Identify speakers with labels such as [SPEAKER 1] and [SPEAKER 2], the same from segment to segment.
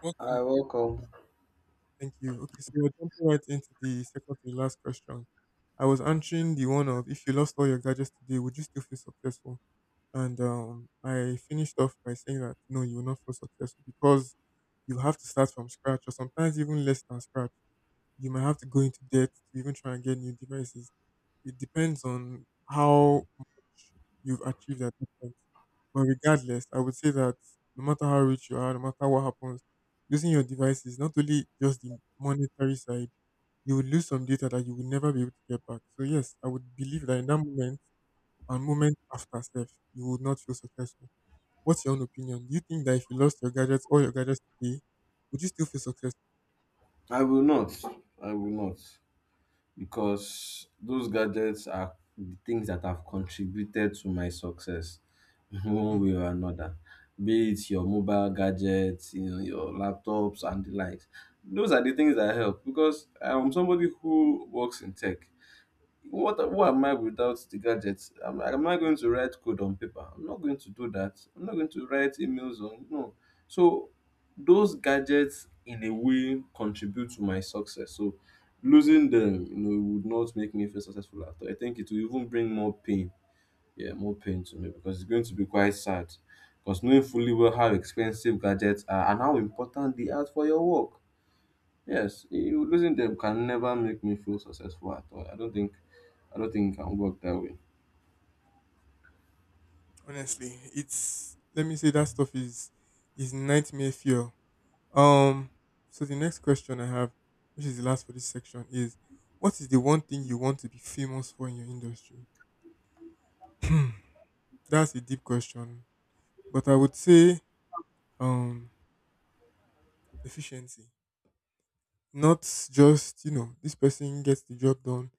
[SPEAKER 1] Welcome
[SPEAKER 2] I
[SPEAKER 1] back.
[SPEAKER 2] welcome.
[SPEAKER 1] Thank you. Okay, so we're jumping right into the second to the last question. I was answering the one of if you lost all your gadgets today, would you still feel successful? And I finished off by saying that no, you will not feel successful because you have to start from scratch, or sometimes even less than scratch. You might have to go into debt to even try and get new devices. It depends on how much you've achieved at that point. But regardless, I would say that no matter how rich you are, no matter what happens, losing your device is not only just the monetary side, you will lose some data that you will never be able to get back. So yes, I would believe that in that moment and moment after self, you would not feel successful. What's your own opinion? Do you think that if you lost your gadgets, all your gadgets today, would you still feel successful?
[SPEAKER 2] I will not. I will not. Because those gadgets are the things that have contributed to my success one
[SPEAKER 1] Hmm.
[SPEAKER 2] way or another. Be it your mobile gadgets, you know, your laptops and the likes. Those are the things that help because I'm somebody who works in tech. What who am I without the gadgets? Am I going to write code on paper? I'm not going to do that. I'm not going to write emails on no. So those gadgets in a way contribute to my success. So losing them, you know, would not make me feel successful at all. I think it will even bring more pain. Yeah, more pain to me because it's going to be quite sad. Because knowing fully well how expensive gadgets are and how important they are for your work. Yes, losing them can never make me feel successful at all. I don't think it can work that way.
[SPEAKER 1] Honestly, it's let me say that stuff is nightmare fuel. Um, so the next question I have, which is the last for this section, is what is the one thing you want to be famous for in your industry? Hmm, That's a deep question, but I would say um efficiency. Not just, this person gets the job done,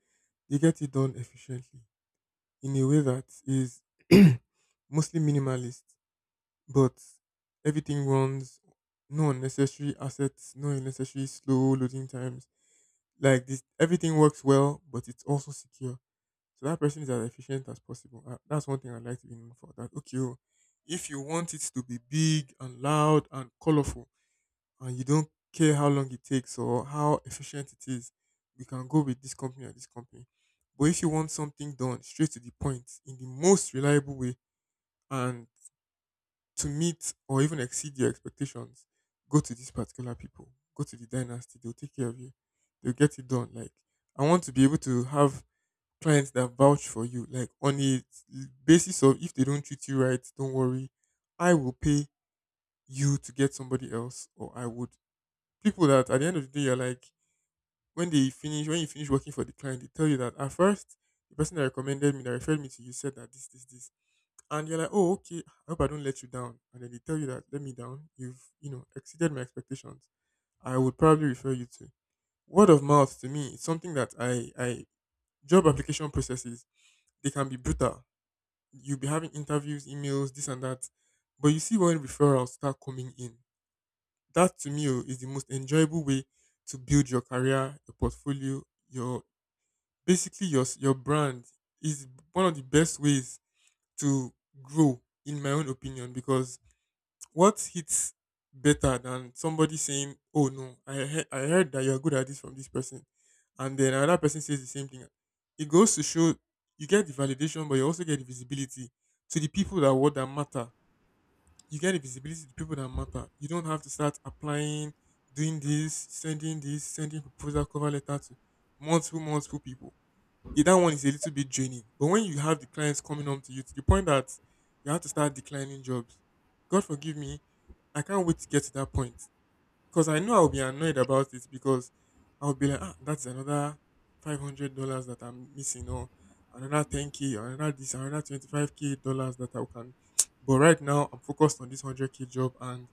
[SPEAKER 1] they get it done efficiently in a way that is mostly minimalist, but everything runs, no unnecessary assets, no unnecessary slow loading times. Like this, everything works well, but it's also secure. So that person is as efficient as possible. That's one thing I'd like to be known for. That okay, oh, if you want it to be big and loud and colorful, and you don't care how long it takes or how efficient it is, we can go with this company or this company. But if you want something done straight to the point in the most reliable way and to meet or even exceed your expectations, go to these particular people. Go to the dynasty. They'll take care of you. They'll get it done. Like, I want to be able to have clients that vouch for you. Like on a basis of if they don't treat you right, don't worry. I will pay you to get somebody else or I would. People that at the end of the day are like when they finish, when you finish working for the client, they tell you that at first the person that recommended me, that referred me to you said that this, and you're like, oh, okay, I hope I don't let you down. And then they tell you that let me down. You've, you know, exceeded my expectations. I would probably refer you to word of mouth. To me, it's something that I job application processes, they can be brutal. You'll be having interviews, emails, this and that, but you see when referrals start coming in. That to me, oh, is the most enjoyable way to build your career, your portfolio, your basically your your brand is one of the best ways to grow, in my own opinion, because what hits better than somebody saying, "Oh no, I heard that you're good at this from this person," and then another person says the same thing. It goes to show you get the validation, but you also get the visibility to the people that what that matter. You get the visibility to people that matter. You don't have to start applying, doing this, sending proposal cover letter to multiple people. Eh, that one is a little bit draining. But when you have the clients coming home to you to the point that you have to start declining jobs, God forgive me, I can't wait to get to that point because I know I'll be annoyed about it because I'll be like, ah, that's another $500 that I'm missing, or another 10K, or another this, another 25 k dollars that I can. But right now, I'm focused on this 100K job, and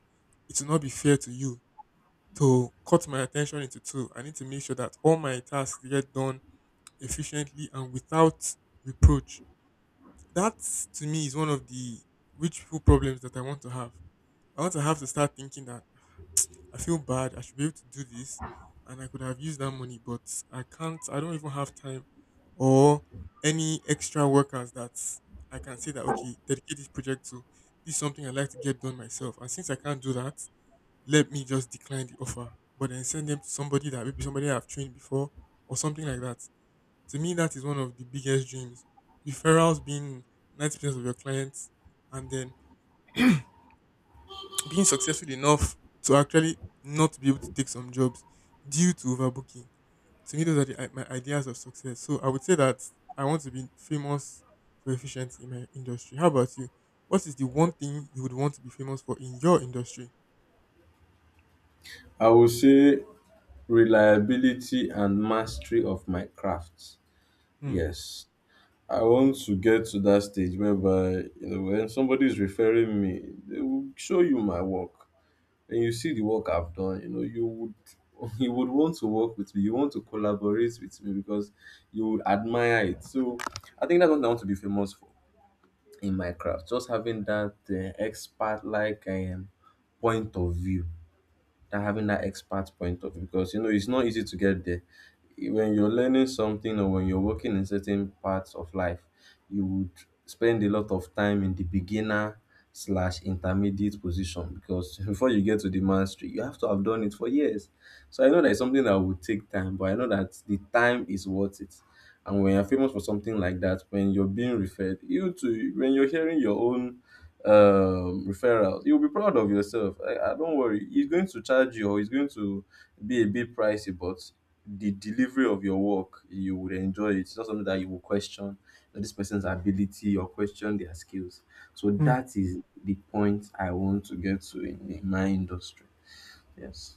[SPEAKER 1] it will not be fair to you to cut my attention into two. I need to make sure that all my tasks get done efficiently and without reproach. That to me is one of the witchful problems that I want to have. I want to have to start thinking that I feel bad, I should be able to do this, and I could have used that money, but I can't, I don't even have time or any extra workers that I can say that, okay, dedicate this project to. This is something I like to get done myself. And since I can't do that, let me just decline the offer, but then send them to somebody that maybe somebody I've trained before or something like that. To me, that is one of the biggest dreams. Referrals being 90% of your clients and then being successful enough to actually not be able to take some jobs due to overbooking. To me, those are the, my ideas of success. So I would say that I want to be famous for efficiency in my industry. How about you? What is the one thing you would want to be famous for in your industry?
[SPEAKER 2] I would say reliability and mastery of my craft.
[SPEAKER 1] Hmm.
[SPEAKER 2] Yes. I want to get to that stage whereby, you know, when somebody is referring me, they will show you my work. And you see the work I've done, you know, you would you would want to work with me, you want to collaborate with me because you would admire it. So I think that's what I want to be famous for in Minecraft. Just having that expert like point of view, that having that expert point of view because you know it's not easy to get there. When you're learning something or when you're working in certain parts of life, you would spend a lot of time in the beginner slash intermediate position because before you get to the mastery, you have to have done it for years. So I know that it's something that will take time, but I know that the time is worth it. And when you're famous for something like that, when you're being referred, you too, when you're hearing your own referral, you'll be proud of yourself. I don't worry, he's going to charge you, or he's going to be a bit pricey, but the delivery of your work, you would enjoy it. It's not something that you will question, that this person's ability, or question their skills. So
[SPEAKER 1] Hmm.
[SPEAKER 2] that is the point I want to get to in my industry. Yes.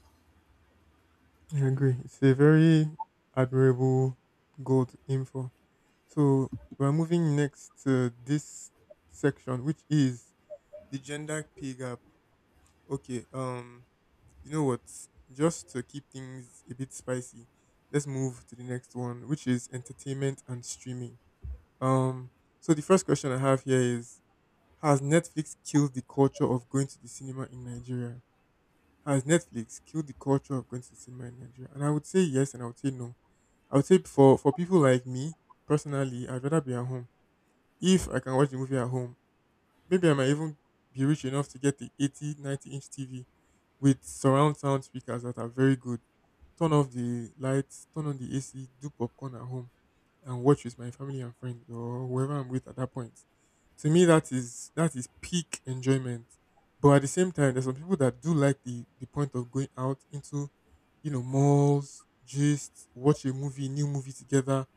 [SPEAKER 1] I agree. It's a very admirable goal to aim for. So we're moving next to this section, which is the gender pay gap. Okay, you know what? Just to keep things a bit spicy, let's move to the next one, which is entertainment and streaming. Um, so the first question I have here is: has Netflix killed the culture of going to the cinema in Nigeria? Has Netflix killed the culture of going to the cinema in Nigeria? And I would say yes, and I would say no. I would say for people like me personally, I'd rather be at home. If I can watch the movie at home, maybe I might even be rich enough to get the 80, 90 inch TV with surround sound speakers that are very good. Turn off the lights, turn on the AC, do popcorn at home, and watch with my family and friends or whoever I'm with at that point. To me, that is peak enjoyment. But at the same time, there's some people that do like the point of going out into, you know, malls, just watch a movie, new movie together,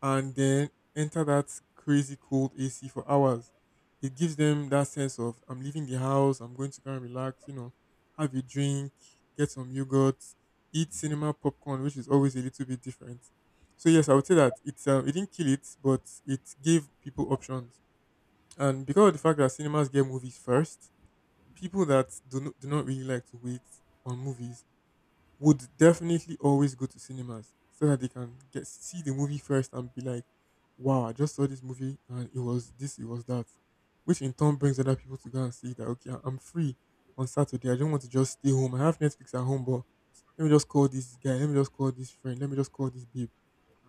[SPEAKER 1] and then enter that crazy cold AC for hours. It gives them that sense of I'm leaving the house, I'm going to go and relax, you know, have a drink, get some yogurt, eat cinema popcorn, which is always a little bit different. So yes, I would say that it didn't kill it, but it gave people options. And because of the fact that cinemas get movies first, people that do not really like to wait on movies would definitely always go to cinemas so that they can get see the movie first and be like, "Wow, I just saw this movie and it was this, it was that," which in turn brings other people to go and see that. Okay, I'm free on Saturday. I don't want to just stay home. I have Netflix at home, but let me just call this guy. Let me just call this friend. Let me just call this babe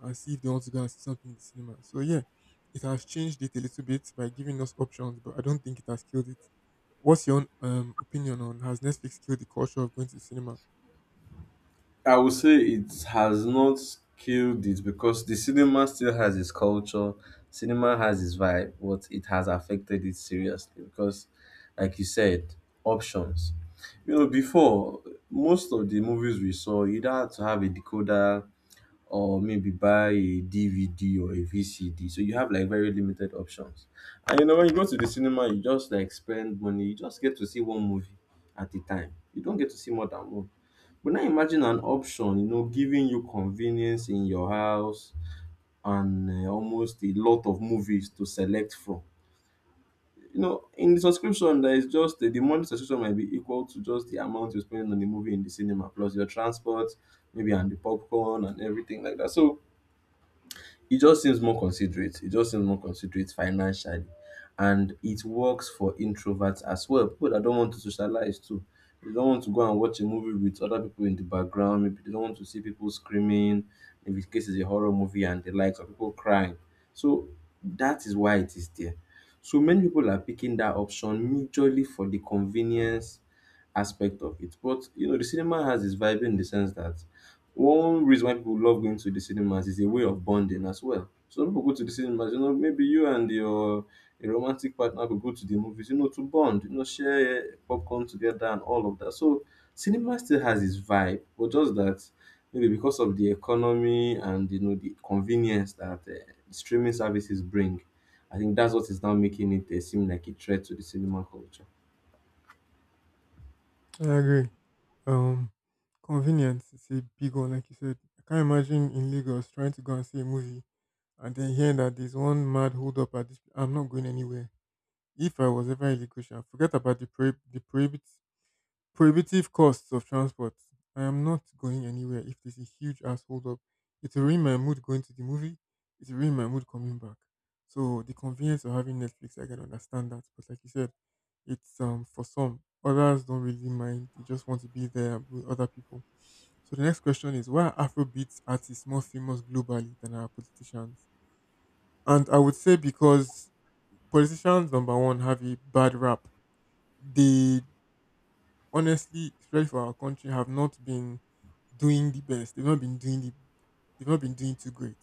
[SPEAKER 1] and see if they want to go and see something in the cinema. So yeah, it has changed it a little bit by giving us options, but I don't think it has killed it. What's your opinion on has Netflix killed the culture of going to the cinema?
[SPEAKER 2] I would say it has not killed it because the cinema still has its culture, cinema has its vibe, but it has affected it seriously because, like you said, options. You know, before most of the movies we saw, you either had to have a decoder or maybe buy a DVD or a VCD. So you have like very limited options. And you know, when you go to the cinema, you just like spend money, you just get to see one movie at a time. You don't get to see more than one, but now imagine an option, you know, giving you convenience in your house and almost a lot of movies to select from. You know, in the subscription, there is just the monthly subscription might be equal to just the amount you spend on the movie in the cinema, plus your transport, maybe, and the popcorn and everything like that. So it just seems more considerate. It just seems more considerate financially. And it works for introverts as well. People that don't want to socialize too. They don't want to go and watch a movie with other people in the background. Maybe they don't want to see people screaming. If in case it's a horror movie and the likes of people crying. So that is why it is there. So many people are picking that option majorly for the convenience aspect of it. But you know, the cinema has its vibe in the sense that one reason why people love going to the cinemas is a way of bonding as well. So people go to the cinemas, you know, maybe you and your a romantic partner could go to the movies, you know, to bond, you know, share popcorn together and all of that. So cinema still has its vibe, but just that maybe because of the economy and you know the convenience that streaming services bring, I think that's what is now making it seem like a threat to the cinema culture.
[SPEAKER 1] I agree. Um, convenience is a big one, like you said. I can't imagine in Lagos trying to go and see a movie and then hearing that there's one mad hold up at this. I'm not going anywhere. If I was ever in Lagos, I'd forget about the the prohibit prohibitive costs of transport. I am not going anywhere if there's a huge ass hold up. It will ruin my mood going to the movie. It will ruin my mood coming back. So the convenience of having Netflix, I can understand that. But like you said, it's for some. Others don't really mind. They just want to be there with other people. So the next question is why are Afrobeat artists more famous globally than our politicians? And I would say because politicians number one have a bad rap. They honestly, especially for our country, have not been doing the best. They've not been doing the, they've not been doing too great.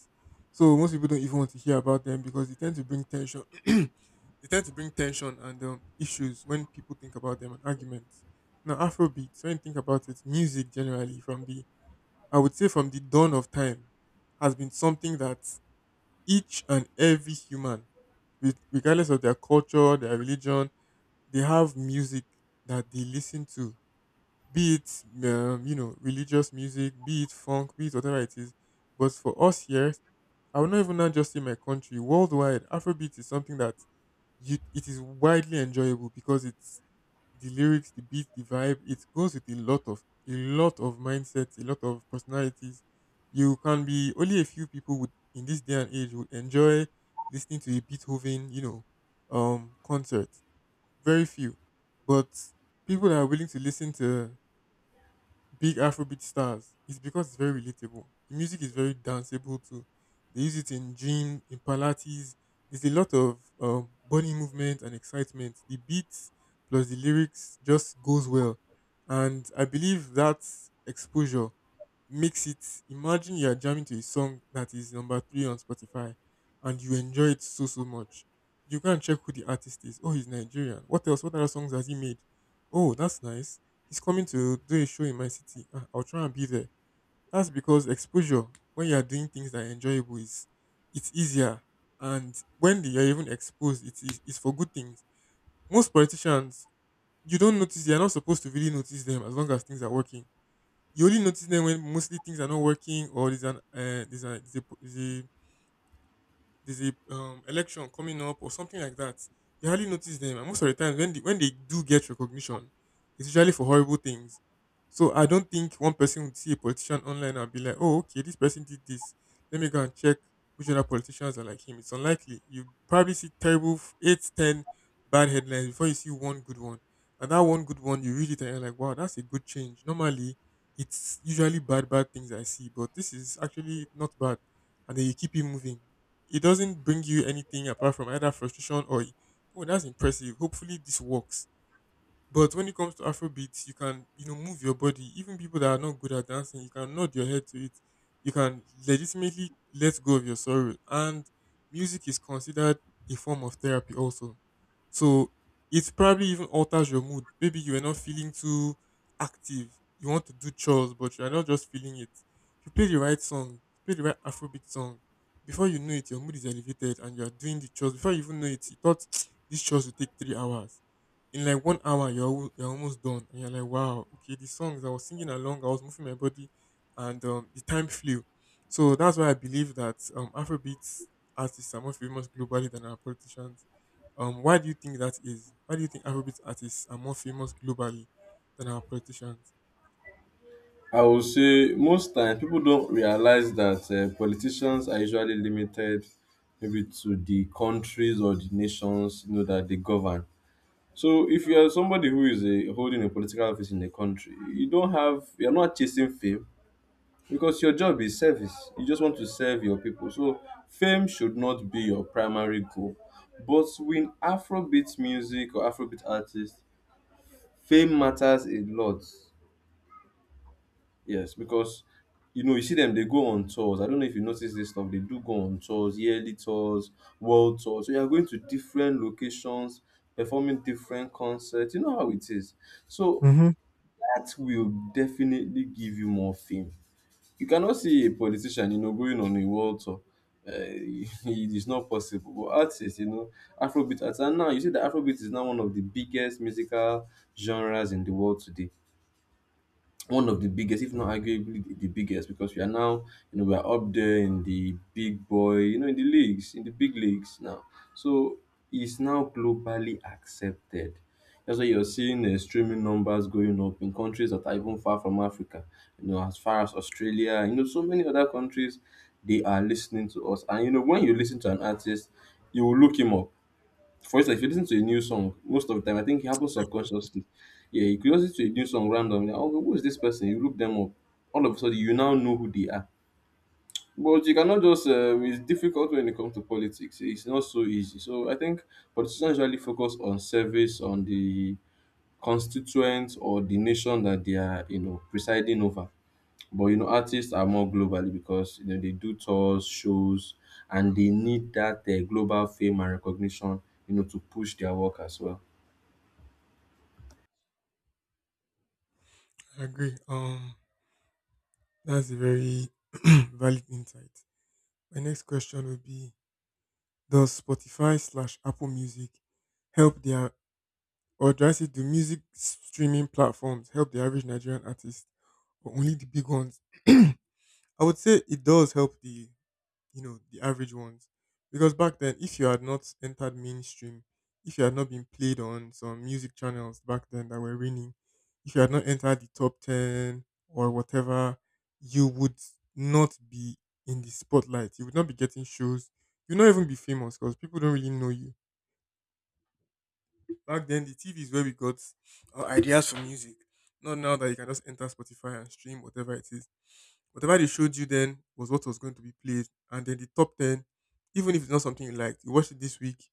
[SPEAKER 1] So most people don't even want to hear about them because they tend to bring tension. They tend to bring tension and issues when people think about them and arguments. Now, Afrobeats, when you think about it, music generally from the I would say from the dawn of time has been something that each and every human, regardless of their culture, their religion, they have music that they listen to, be it you know, religious music, be it funk, be it whatever it is. But for us here, I would not even now just say my country. Worldwide, Afrobeat is something that it is widely enjoyable because it's the lyrics, the beat, the vibe. It goes with a lot of mindsets, a lot of personalities. You can be Only a few people would in this day and age would enjoy listening to a Beethoven, concert. Very few, but people that are willing to listen to big Afrobeat stars. It's because it's very relatable. The music is very danceable too. They use it in gym, in pilates. There's a lot of body movement and excitement. The beats plus the lyrics just goes well, and I believe that exposure mix it. Imagine you're jamming to a song that is number three on Spotify and you enjoy it so much. You can check who the artist is. Oh, he's Nigerian. What else? What other songs has he made? Oh, that's nice. He's coming to do a show in my city. Ah, I'll try and be there. That's because exposure when you're doing things that are enjoyable is it's easier. And when you're even exposed, it's for good things. Most politicians, you don't notice. You're not supposed to really notice them as long as things are working. You only notice them when mostly things are not working, or there's an there's a there's a, there's a there's a election coming up or something like that. You hardly notice them. And most of the time, when when they do get recognition, it's usually for horrible things. So I don't think one person would see a politician online and be like, "Oh, okay, this person did this. Let me go and check which other politicians are like him." It's unlikely. You probably see eight, ten bad headlines before you see one good one. And that one good one, you read it and you're like, "Wow, that's a good change. Normally, it's usually bad things I see, but this is actually not bad." And then you keep it moving. It doesn't bring you anything apart from either frustration or, oh, that's impressive, hopefully this works. But when it comes to Afrobeats, you can, you know, move your body. Even people that are not good at dancing, you can nod your head to it. You can legitimately let go of your sorrow. And music is considered a form of therapy also. So it probably even alters your mood. Maybe you are not feeling too active. You want to do chores, but you are not just feeling it. If you play the right song, play the right Afrobeat song, before you know it, your mood is elevated and you are doing the chores. Before you even know it, you thought these chores will take 3 hours. In like 1 hour you're you're almost done and you're like, wow, okay, the songs I was singing along, I was moving my body, and the time flew. So that's why I believe that Afrobeat artists are more famous globally than our politicians. Why do you think that is? Why do you think Afrobeat artists are more famous globally than our politicians?
[SPEAKER 2] I would say most time people don't realize that politicians are usually limited maybe to the countries or the nations you know that they govern. So if you are somebody who is a holding a political office in a country, you don't have, you're not chasing fame because your job is service. You just want to serve your people. So fame should not be your primary goal. But with Afrobeat music or Afrobeat artists, fame matters a lot. Yes, because you know, you see them, they go on tours. I don't know if you notice this stuff. They do go on tours, yearly tours, world tours. So you are going to different locations, performing different concerts. You know how it is. So
[SPEAKER 1] Mm-hmm.
[SPEAKER 2] that will definitely give you more fame. You cannot see a politician, you know, going on a world tour. It is not possible. But artists, you know, Afrobeat artists, and now you see that Afrobeat is now one of the biggest musical genres in the world today, one of the biggest, if not arguably the biggest, because we are now, you know, we are up there in the big boy, you know, in the leagues, in the big leagues now. So it's now globally accepted. That's why you're seeing streaming numbers going up in countries that are even far from Africa, you know, as far as Australia, you know, so many other countries, they are listening to us. And, you know, when you listen to an artist, you will look him up. For instance, if you listen to a new song, most of the time, I think it happens
[SPEAKER 1] Definitely.
[SPEAKER 2] subconsciously. Yeah, you could listen to a new song randomly. Oh, who is this person? You look them up. All of a sudden, you now know who they are. But you cannot just, it's difficult when it comes to politics. It's not so easy. So I think politicians usually focus on service, on the constituents or the nation that they are, you know, presiding over. But, you know, artists are more globally because, you know, they do tours, shows, and they need that global fame and recognition, you know, to push their work as well.
[SPEAKER 1] I agree. That's a very valid insight. My next question would be: does Spotify slash Apple Music help their— or do I say, do music streaming platforms help the average Nigerian artist or only the big ones? I would say it does help the, you know, the average ones. Because back then, if you had not entered mainstream, if you had not been played on some music channels back then that were winning, if you had not entered the top 10 or whatever, you would not be in the spotlight. You would not be getting shows. You would not even be famous because people don't really know you. Back then, the TV is where we got our ideas for music. Not now that you can just enter Spotify and stream whatever it is. Whatever they showed you then was what was going to be played. And then the top 10, even if it's not something you liked, you watch it this week,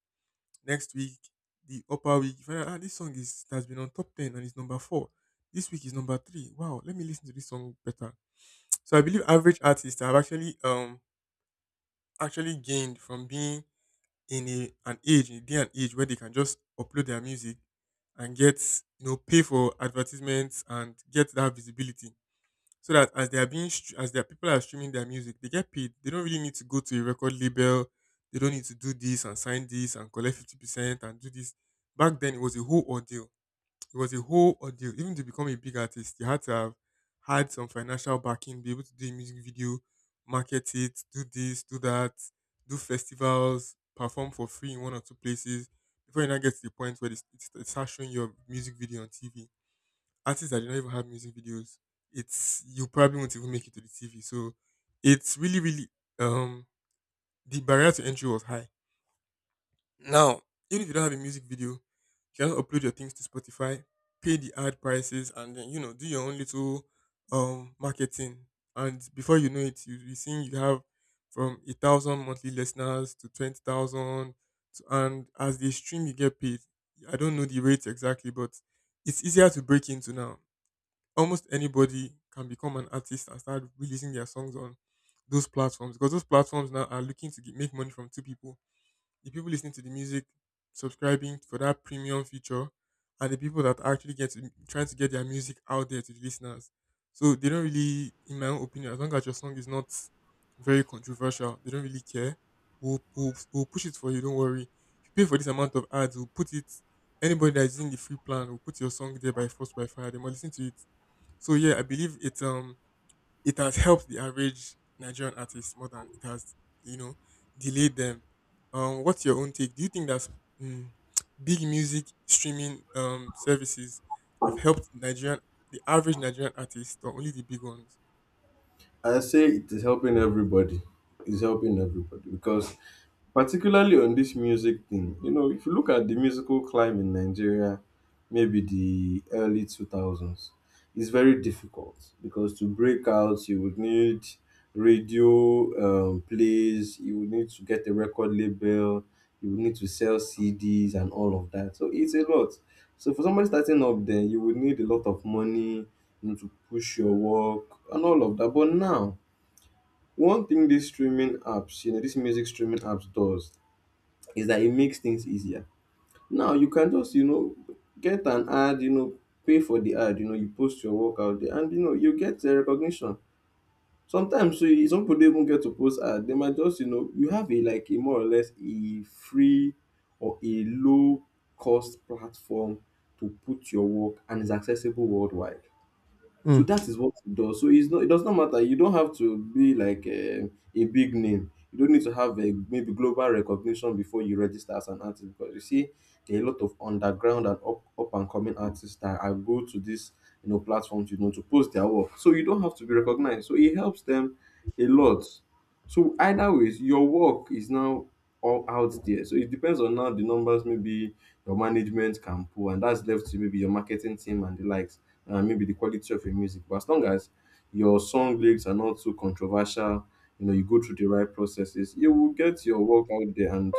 [SPEAKER 1] next week, the upper week. You find out, ah, this song is has been on top 10 and it's number four. This week is number three. Wow, let me listen to this song better. So I believe average artists have actually gained from being in a an age, in a day and age where they can just upload their music and get, you know, pay for advertisements and get that visibility, so that as they are being str- as their people are streaming their music they get paid. They don't really need to go to a record label. They don't need to do this and sign this and collect 50% and do this. Back then it was a whole ordeal. It was a whole ordeal. Even to become a big artist, you had to have had some financial backing, be able to do a music video, market it, do this, do that, do festivals, perform for free in one or two places before you now get to the point where it starts showing your music video on TV. Artists that do not even have music videos, it's you probably won't even make it to the TV. So it's really, really um the barrier to entry was high. Now, even if you don't have a music video, you can just upload your things to Spotify, pay the ad prices, and then, you know, do your own little marketing. And before you know it, you'll be seeing you have from 1,000 monthly listeners to 20,000, and as they stream, you get paid. I don't know the rates exactly, but it's easier to break into now. Almost anybody can become an artist and start releasing their songs on those platforms, because those platforms now are looking to make money from two people: the people listening to the music subscribing for that premium feature, and the people that are actually trying to get their music out there to the listeners. So they don't really, in my own opinion, as long as your song is not very controversial, they don't really care. We'll push it for you, don't worry. If you pay for this amount of ads, we'll put it, anybody that's in the free plan, will put your song there by force, by fire, they might listen to it. So yeah, I believe it has helped the average Nigerian artist more than it has, you know, delayed them. What's your own take? Do you think that mm, big music streaming services have helped Nigerian, the average Nigerian artist, or only the big ones?
[SPEAKER 2] I say it is helping everybody. It's helping everybody because particularly on this music thing, you know, if you look at the musical climb in Nigeria, maybe the early 2000s, it's very difficult because to break out, you would need radio plays, you would need to get a record label, you would need to sell CDs and all of that. So it's a lot. So for somebody starting up then, you would need a lot of money, you know, to push your work and all of that. But now, one thing these streaming apps, you know, these music streaming apps does is that it makes things easier. Now you can just, you know, get an ad, you know, pay for the ad, you know, you post your work out there and you know you get the recognition. Sometimes some people don't even get to post ad. They might just, you know, you have a like a more or less a free or a low cost platform to put your work and it's accessible worldwide. So
[SPEAKER 1] Hmm.
[SPEAKER 2] that is what it does. So it's not, it does not matter. You don't have to be like a big name. You don't need to have a maybe global recognition before you register as an artist. Because you see, there are a lot of underground and up and coming artists that are go to this you know platforms you know to post their work. So you don't have to be recognized. So it helps them a lot. So either ways, your work is now all out there. So it depends on now the numbers maybe your management can pull, and that's left to maybe your marketing team and the likes and maybe the quality of your music. But as long as your song lyrics are not too controversial, you know, you go through the right processes, you will get your work out there and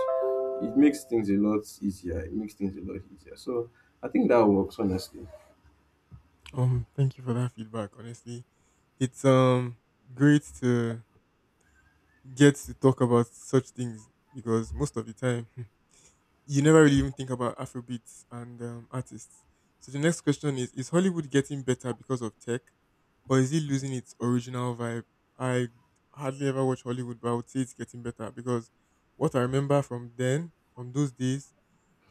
[SPEAKER 2] it makes things a lot easier. It makes things a lot easier. So I think that works, honestly.
[SPEAKER 1] Thank you for that feedback. Honestly, it's great to get to talk about such things, because most of the time you never really even think about Afrobeats and artists. So the next question is: is Hollywood getting better because of tech, or is it losing its original vibe? I hardly ever watch Hollywood, but I would say it's getting better because what I remember from then, from those days,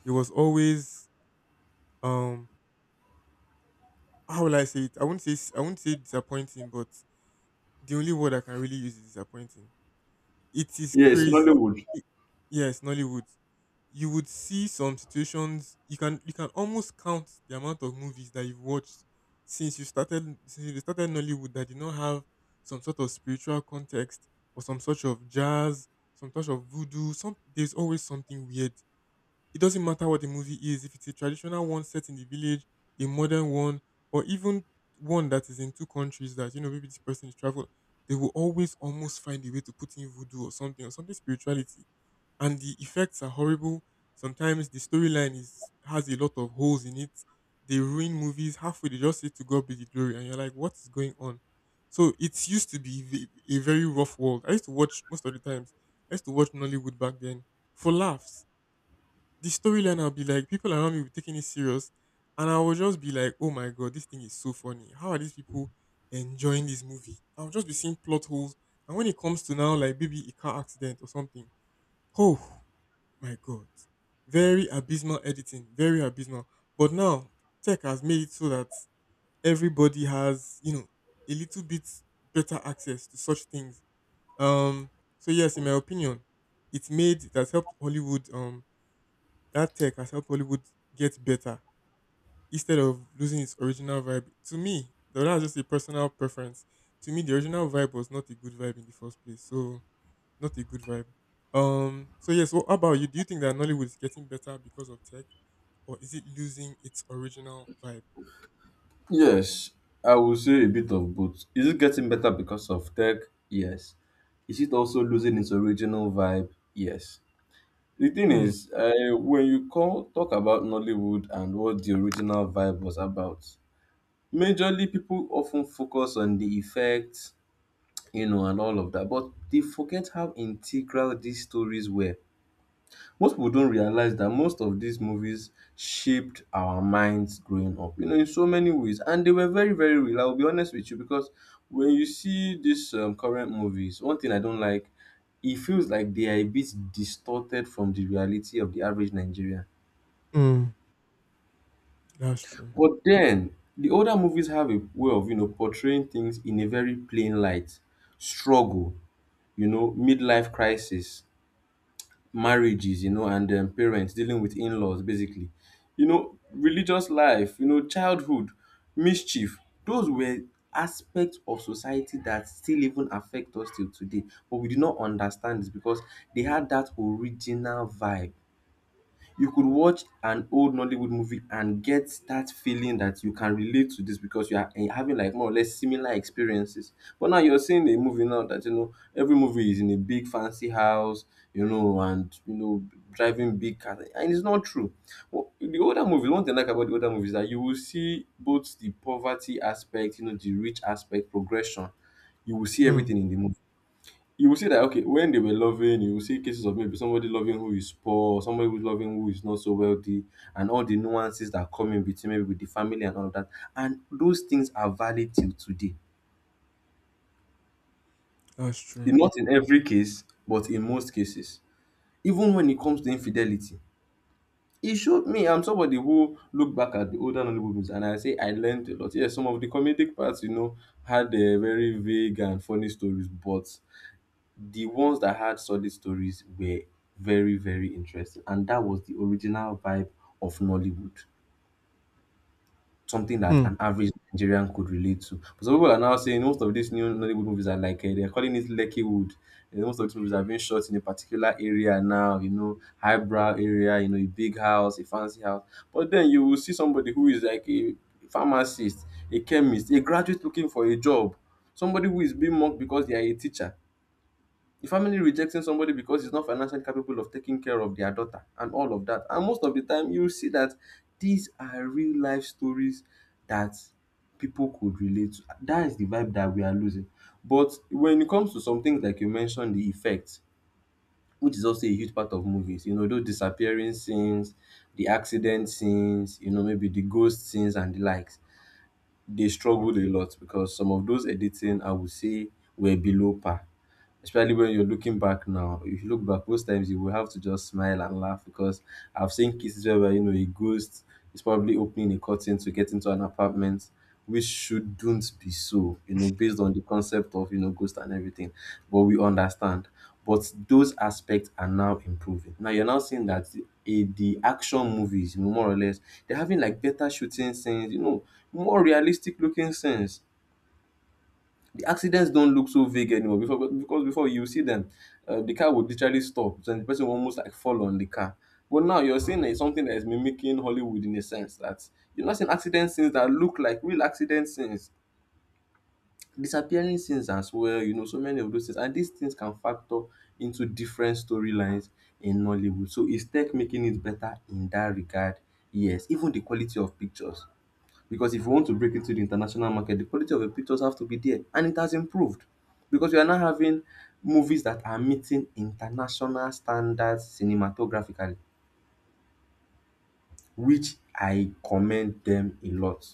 [SPEAKER 1] it was always um how will I say it? I wouldn't say I wouldn't say disappointing, but the only word I can really use is disappointing. It is
[SPEAKER 2] Yes,
[SPEAKER 1] crazy.
[SPEAKER 2] Nollywood.
[SPEAKER 1] It- yes, Nollywood. You would see some situations. You can you can almost count the amount of movies that you've watched since you started Nollywood that did not have some sort of spiritual context, or some sort of jazz, some sort of voodoo. Some There's always something weird. It doesn't matter what the movie is, if it's a traditional one set in the village, a modern one, or even one that is in two countries that, you know, maybe this person is traveled, they will always almost find a way to put in voodoo or something, or something spirituality. And the effects are horrible. Sometimes the storyline is has a lot of holes in it. They ruin movies halfway, they just say to God be the glory, and you're like, what is going on? So it used to be a very rough world. I used to watch most of the times. I used to watch Nollywood back then for laughs. The storyline, I'll be like, people around me will be taking it serious. And I will just be like, oh my god, this thing is so funny. How are these people enjoying this movie? I'll just be seeing plot holes. And when it comes to now, like maybe a car accident or something, oh my god. Very abysmal editing, very abysmal. But now tech has made it so that everybody has, you know, a little bit better access to such things. Um, so yes, in my opinion, it's made it helped Hollywood that tech has helped Hollywood get better instead of losing its original vibe. To me, though that's just a personal preference. To me, the original vibe was not a good vibe in the first place. So not a good vibe. So yes. What about you? Do you think that Nollywood is getting better because of tech, or is it losing its original vibe?
[SPEAKER 2] Yes, I will say a bit of both. Is it getting better because of tech? Yes. Is it also losing its original vibe? Yes. The thing
[SPEAKER 1] Hmm.
[SPEAKER 2] is, when you talk about Nollywood and what the original vibe was about, majorly, people often focus on the effects, you know, and all of that, but they forget how integral these stories were. Most people don't realize that most of these movies shaped our minds growing up, you know, in so many ways, and they were very, very real. I'll be honest with you because when you see these current movies, one thing I don't like, it feels like they are a bit distorted from the reality of the average Nigerian.
[SPEAKER 1] Hmm. That's true.
[SPEAKER 2] But then the older movies have a way of, you know, portraying things in a very plain light. Struggle, you know, midlife crisis, marriages, you know, and parents dealing with in-laws, basically. You know, religious life, you know, childhood, mischief. Those were aspects of society that still even affect us till today. But we do not understand this because they had that original vibe. You could watch an old Nollywood movie and get that feeling that you can relate to this because you are having like more or less similar experiences. But now you're seeing a movie now that, you know, every movie is in a big fancy house, you know, and you know, driving big cars, and it's not true. Well, the older movies, one thing I like about the older movies is that you will see both the poverty aspect, you know, the rich aspect, progression. You will see
[SPEAKER 1] Hmm.
[SPEAKER 2] everything in the movie. You will see that, okay, when they were loving, you will see cases of maybe somebody loving who is poor, somebody who's loving who is not so wealthy, and all the nuances that come in between, maybe with the family and all of that. And those things are valid till today.
[SPEAKER 1] That's true.
[SPEAKER 2] Not in every case but in most cases, even when it comes to infidelity, it showed me. I'm somebody who look back at the older Nollywood movies and I say I learned a lot. Yes, some of the comedic parts, you know, had very vague and funny stories, but the ones that had solid stories were very, very interesting, and that was the original vibe of Nollywood, something that
[SPEAKER 1] Hmm.
[SPEAKER 2] an average Nigerian could relate to. But some people are now saying most of these new Nollywood movies are like, they're calling it Leckywood, and most of these movies are being shot in a particular area now, you know, highbrow area, you know, a big house, a fancy house. But then you will see somebody who is like a pharmacist, a chemist, a graduate looking for a job, somebody who is being mocked because they are a teacher, the family rejecting somebody because he's not financially capable of taking care of their daughter and all of that. And most of the time you see that these are real life stories that people could relate to. That is the vibe that we are losing. But when it comes to some things like you mentioned, the effects, which is also a huge part of movies, you know, those disappearing scenes, the accident scenes, you know, maybe the ghost scenes and the likes, they struggled a lot because some of those editing, I would say, were below par, especially when you're looking back now. If you look back, most times you will have to just smile and laugh because I've seen cases where, you know, a ghost is probably opening a curtain to get into an apartment, which shouldn't be so, you know, based on the concept of, you know, ghost and everything. But we understand. But those aspects are now improving. Now you're now seeing that, the action movies, you know, more or less, they're having like better shooting scenes, you know, more realistic looking scenes. The accidents don't look so vague anymore. Before, because before you see them, the car would literally stop, so the person will almost like fall on the car. But now you're seeing it's something that is mimicking Hollywood, in a sense that you're not seeing accident scenes that look like real accident scenes, disappearing scenes as well, you know, so many of those things. And these things can factor into different storylines in Nollywood. So is tech making it better in that regard? Yes, even the quality of pictures, because if you want to break into the international market, the quality of the pictures have to be there. And it has improved because we are now having movies that are meeting international standards cinematographically, which I commend them a lot.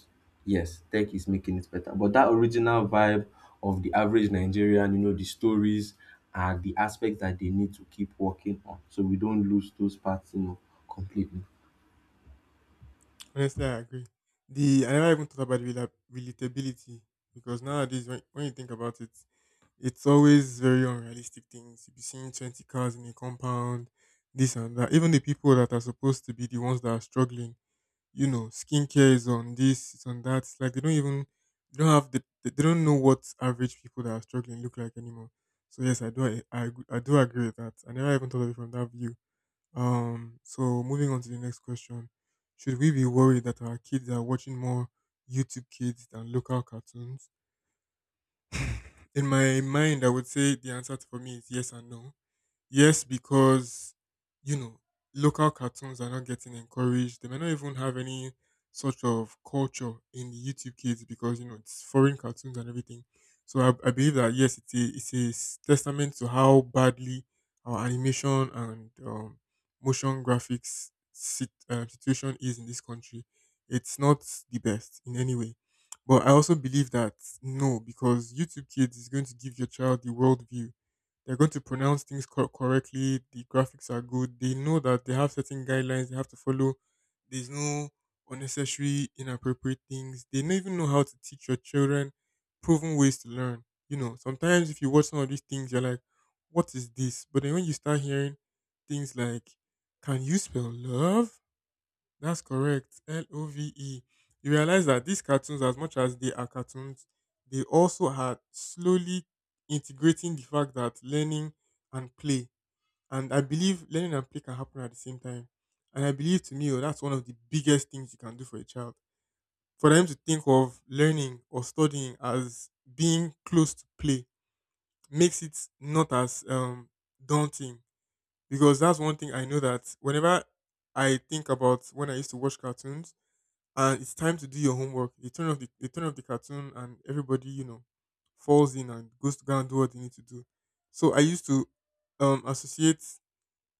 [SPEAKER 2] Yes, tech is making it better. But that original vibe of the average Nigerian, you know, the stories, are the aspects that they need to keep working on, so we don't lose those parts, you know, completely.
[SPEAKER 1] Honestly, I agree. The I never even thought about relatability because nowadays, when you think about it, it's always very unrealistic things. You'll be seeing 20 cars in a compound, this and that. Even the people that are supposed to be the ones that are struggling, you know, skincare is on this, it's on that. It's like they don't even, they don't have the, they don't know what average people that are struggling look like anymore. So yes, I do agree with that. I never even thought of it from that view. So moving on to the next question. Should we be worried that our kids are watching more YouTube kids than local cartoons? In my mind, I would say the answer for me is yes and no. Yes, because you know local cartoons are not getting encouraged. They may not even have any sort of culture in the YouTube Kids because you know it's foreign cartoons and everything. So I believe that yes, testament to how badly our animation and motion graphics situation is in this country. It's not the best in any way. But I also believe that no, because YouTube Kids is going to give your child the world view. They're going to pronounce things correctly. The graphics are good. They know that they have certain guidelines they have to follow. There's no unnecessary, inappropriate things. They don't even know how to teach your children proven ways to learn. You know, sometimes if you watch some of these things, you're like, what is this? But then when you start hearing things like, can you spell love? That's correct. love. You realize that these cartoons, as much as they are cartoons, they also are slowly integrating the fact that learning and play, and I believe learning and play can happen at the same time. And I believe to me, oh, that's one of the biggest things you can do for a child. For them to think of learning or studying as being close to play makes it not as daunting because that's one thing I know that whenever I think about when I used to watch cartoons and it's time to do your homework. They turn off the cartoon and everybody, you know, falls in and goes to go and do what they need to do. So I used to associate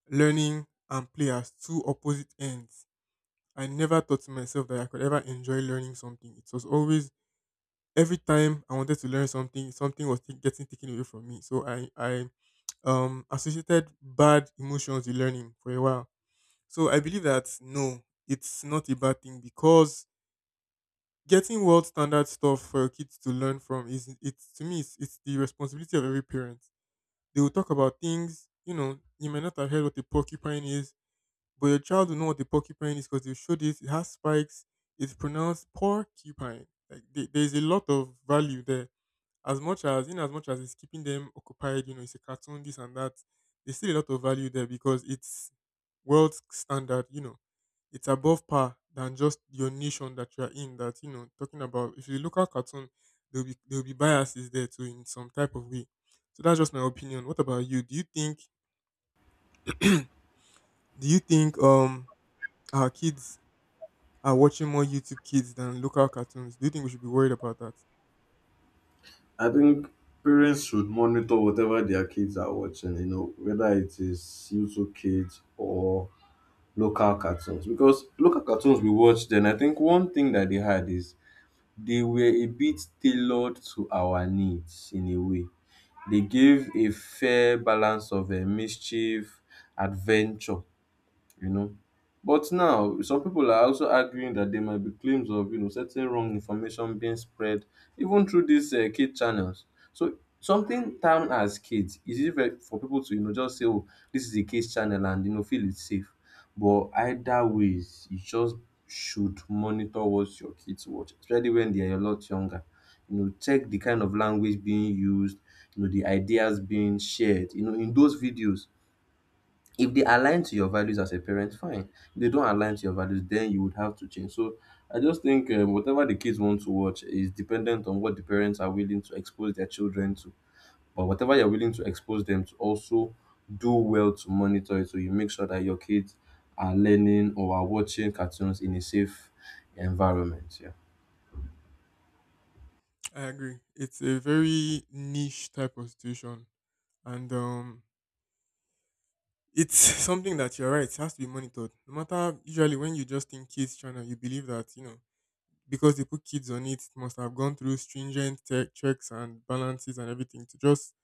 [SPEAKER 1] learning and play as two opposite ends. I never thought to myself that I could ever enjoy learning something. It was always every time I wanted to learn something, something was getting taken away from me. So I associated bad emotions with learning for a while. So I believe that no, it's not a bad thing because getting world standard stuff for your kids to learn from is it's to me it's the responsibility of every parent. They will talk about things, you know, you may not have heard what a porcupine is, but your child will know what a porcupine is because they showed it. It has spikes. It's pronounced porcupine. Like there's a lot of value there. As much as it's keeping them occupied, you know, it's a cartoon, this and that. There's still a lot of value there because it's world standard, you know it's above par than just your nation that you are in. That you know, talking about if you look at cartoon, there'll be biases there too in some type of way. So that's just my opinion. What about you? Do you think do you think our kids are watching more YouTube kids than local cartoons? Do you think we should be worried about that?
[SPEAKER 2] I think parents should monitor whatever their kids are watching, you know, whether it is YouTube Kids or local cartoons. Because local cartoons we watch then, I think one thing that they had is they were a bit tailored to our needs in a way. They gave a fair balance of mischief, adventure, you know. But now, some people are also arguing that there might be claims of, you know, certain wrong information being spread even through these kid channels. So something termed as kids is easy for people to, you know, just say, oh, this is a kids channel and, you know, feel it's safe. But either ways, you just should monitor what your kids watch, especially when they are a lot younger. You know, check the kind of language being used, you know, the ideas being shared, you know, in those videos. If they align to your values as a parent, fine. If they don't align to your values, then you would have to change. So I just think, whatever the kids want to watch is dependent on what the parents are willing to expose their children to. But whatever you're willing to expose them to, also do well to monitor it, so you make sure that your kids are learning or are watching cartoons in a safe environment. Yeah.
[SPEAKER 1] I agree. It's a very niche type of situation, and it's something that you're right. It has to be monitored. No matter usually when you just think kids channel, you believe that you know because they put kids on it, it must have gone through stringent checks and balances and everything to just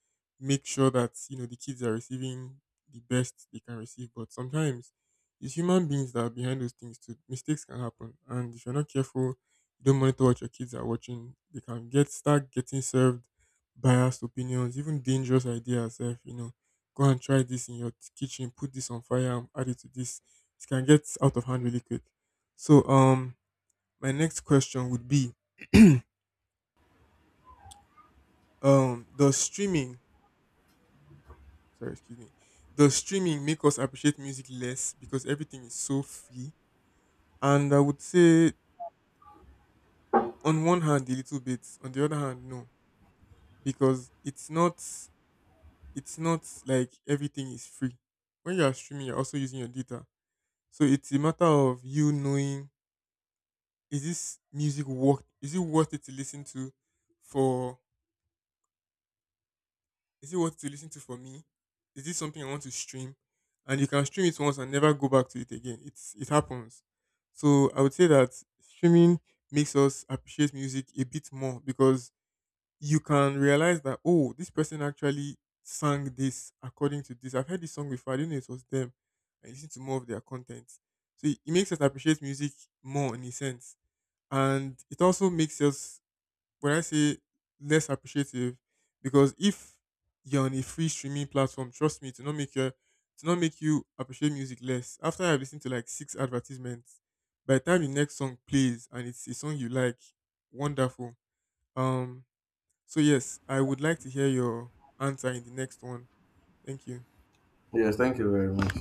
[SPEAKER 1] make sure that you know the kids are receiving the best they can receive. But sometimes it's human beings that are behind those things too. Mistakes can happen, and if you're not careful, you don't monitor what your kids are watching. They can get start getting served biased opinions, even dangerous ideas. If you know, go and try this in your kitchen, put this on fire, and add it to this. It can get out of hand really quick. So my next question would be does streaming sorry, excuse me. Does streaming make us appreciate music less because everything is so free? And I would say on one hand a little bit, on the other hand no, because it's not like everything is free. When you are streaming, you're also using your data. So it's a matter of you knowing is it worth it to listen to for Is it worth to listen to for me? Is this something I want to stream? And you can stream it once and never go back to it again. It's it happens. So I would say that streaming makes us appreciate music a bit more because you can realize that oh, this person actually sang this according to this. I've heard this song before. I didn't know it was them. I listen to more of their content. So it makes us appreciate music more in a sense. And it also makes us when I say less appreciative, because if you're on a free streaming platform, trust me, to not make your to not make you appreciate music less. After I've listened to like six advertisements, by the time the next song plays and it's a song you like, wonderful. Um so yes, I would like to hear your answer in the next one. Thank you.
[SPEAKER 2] Yes, thank you very much.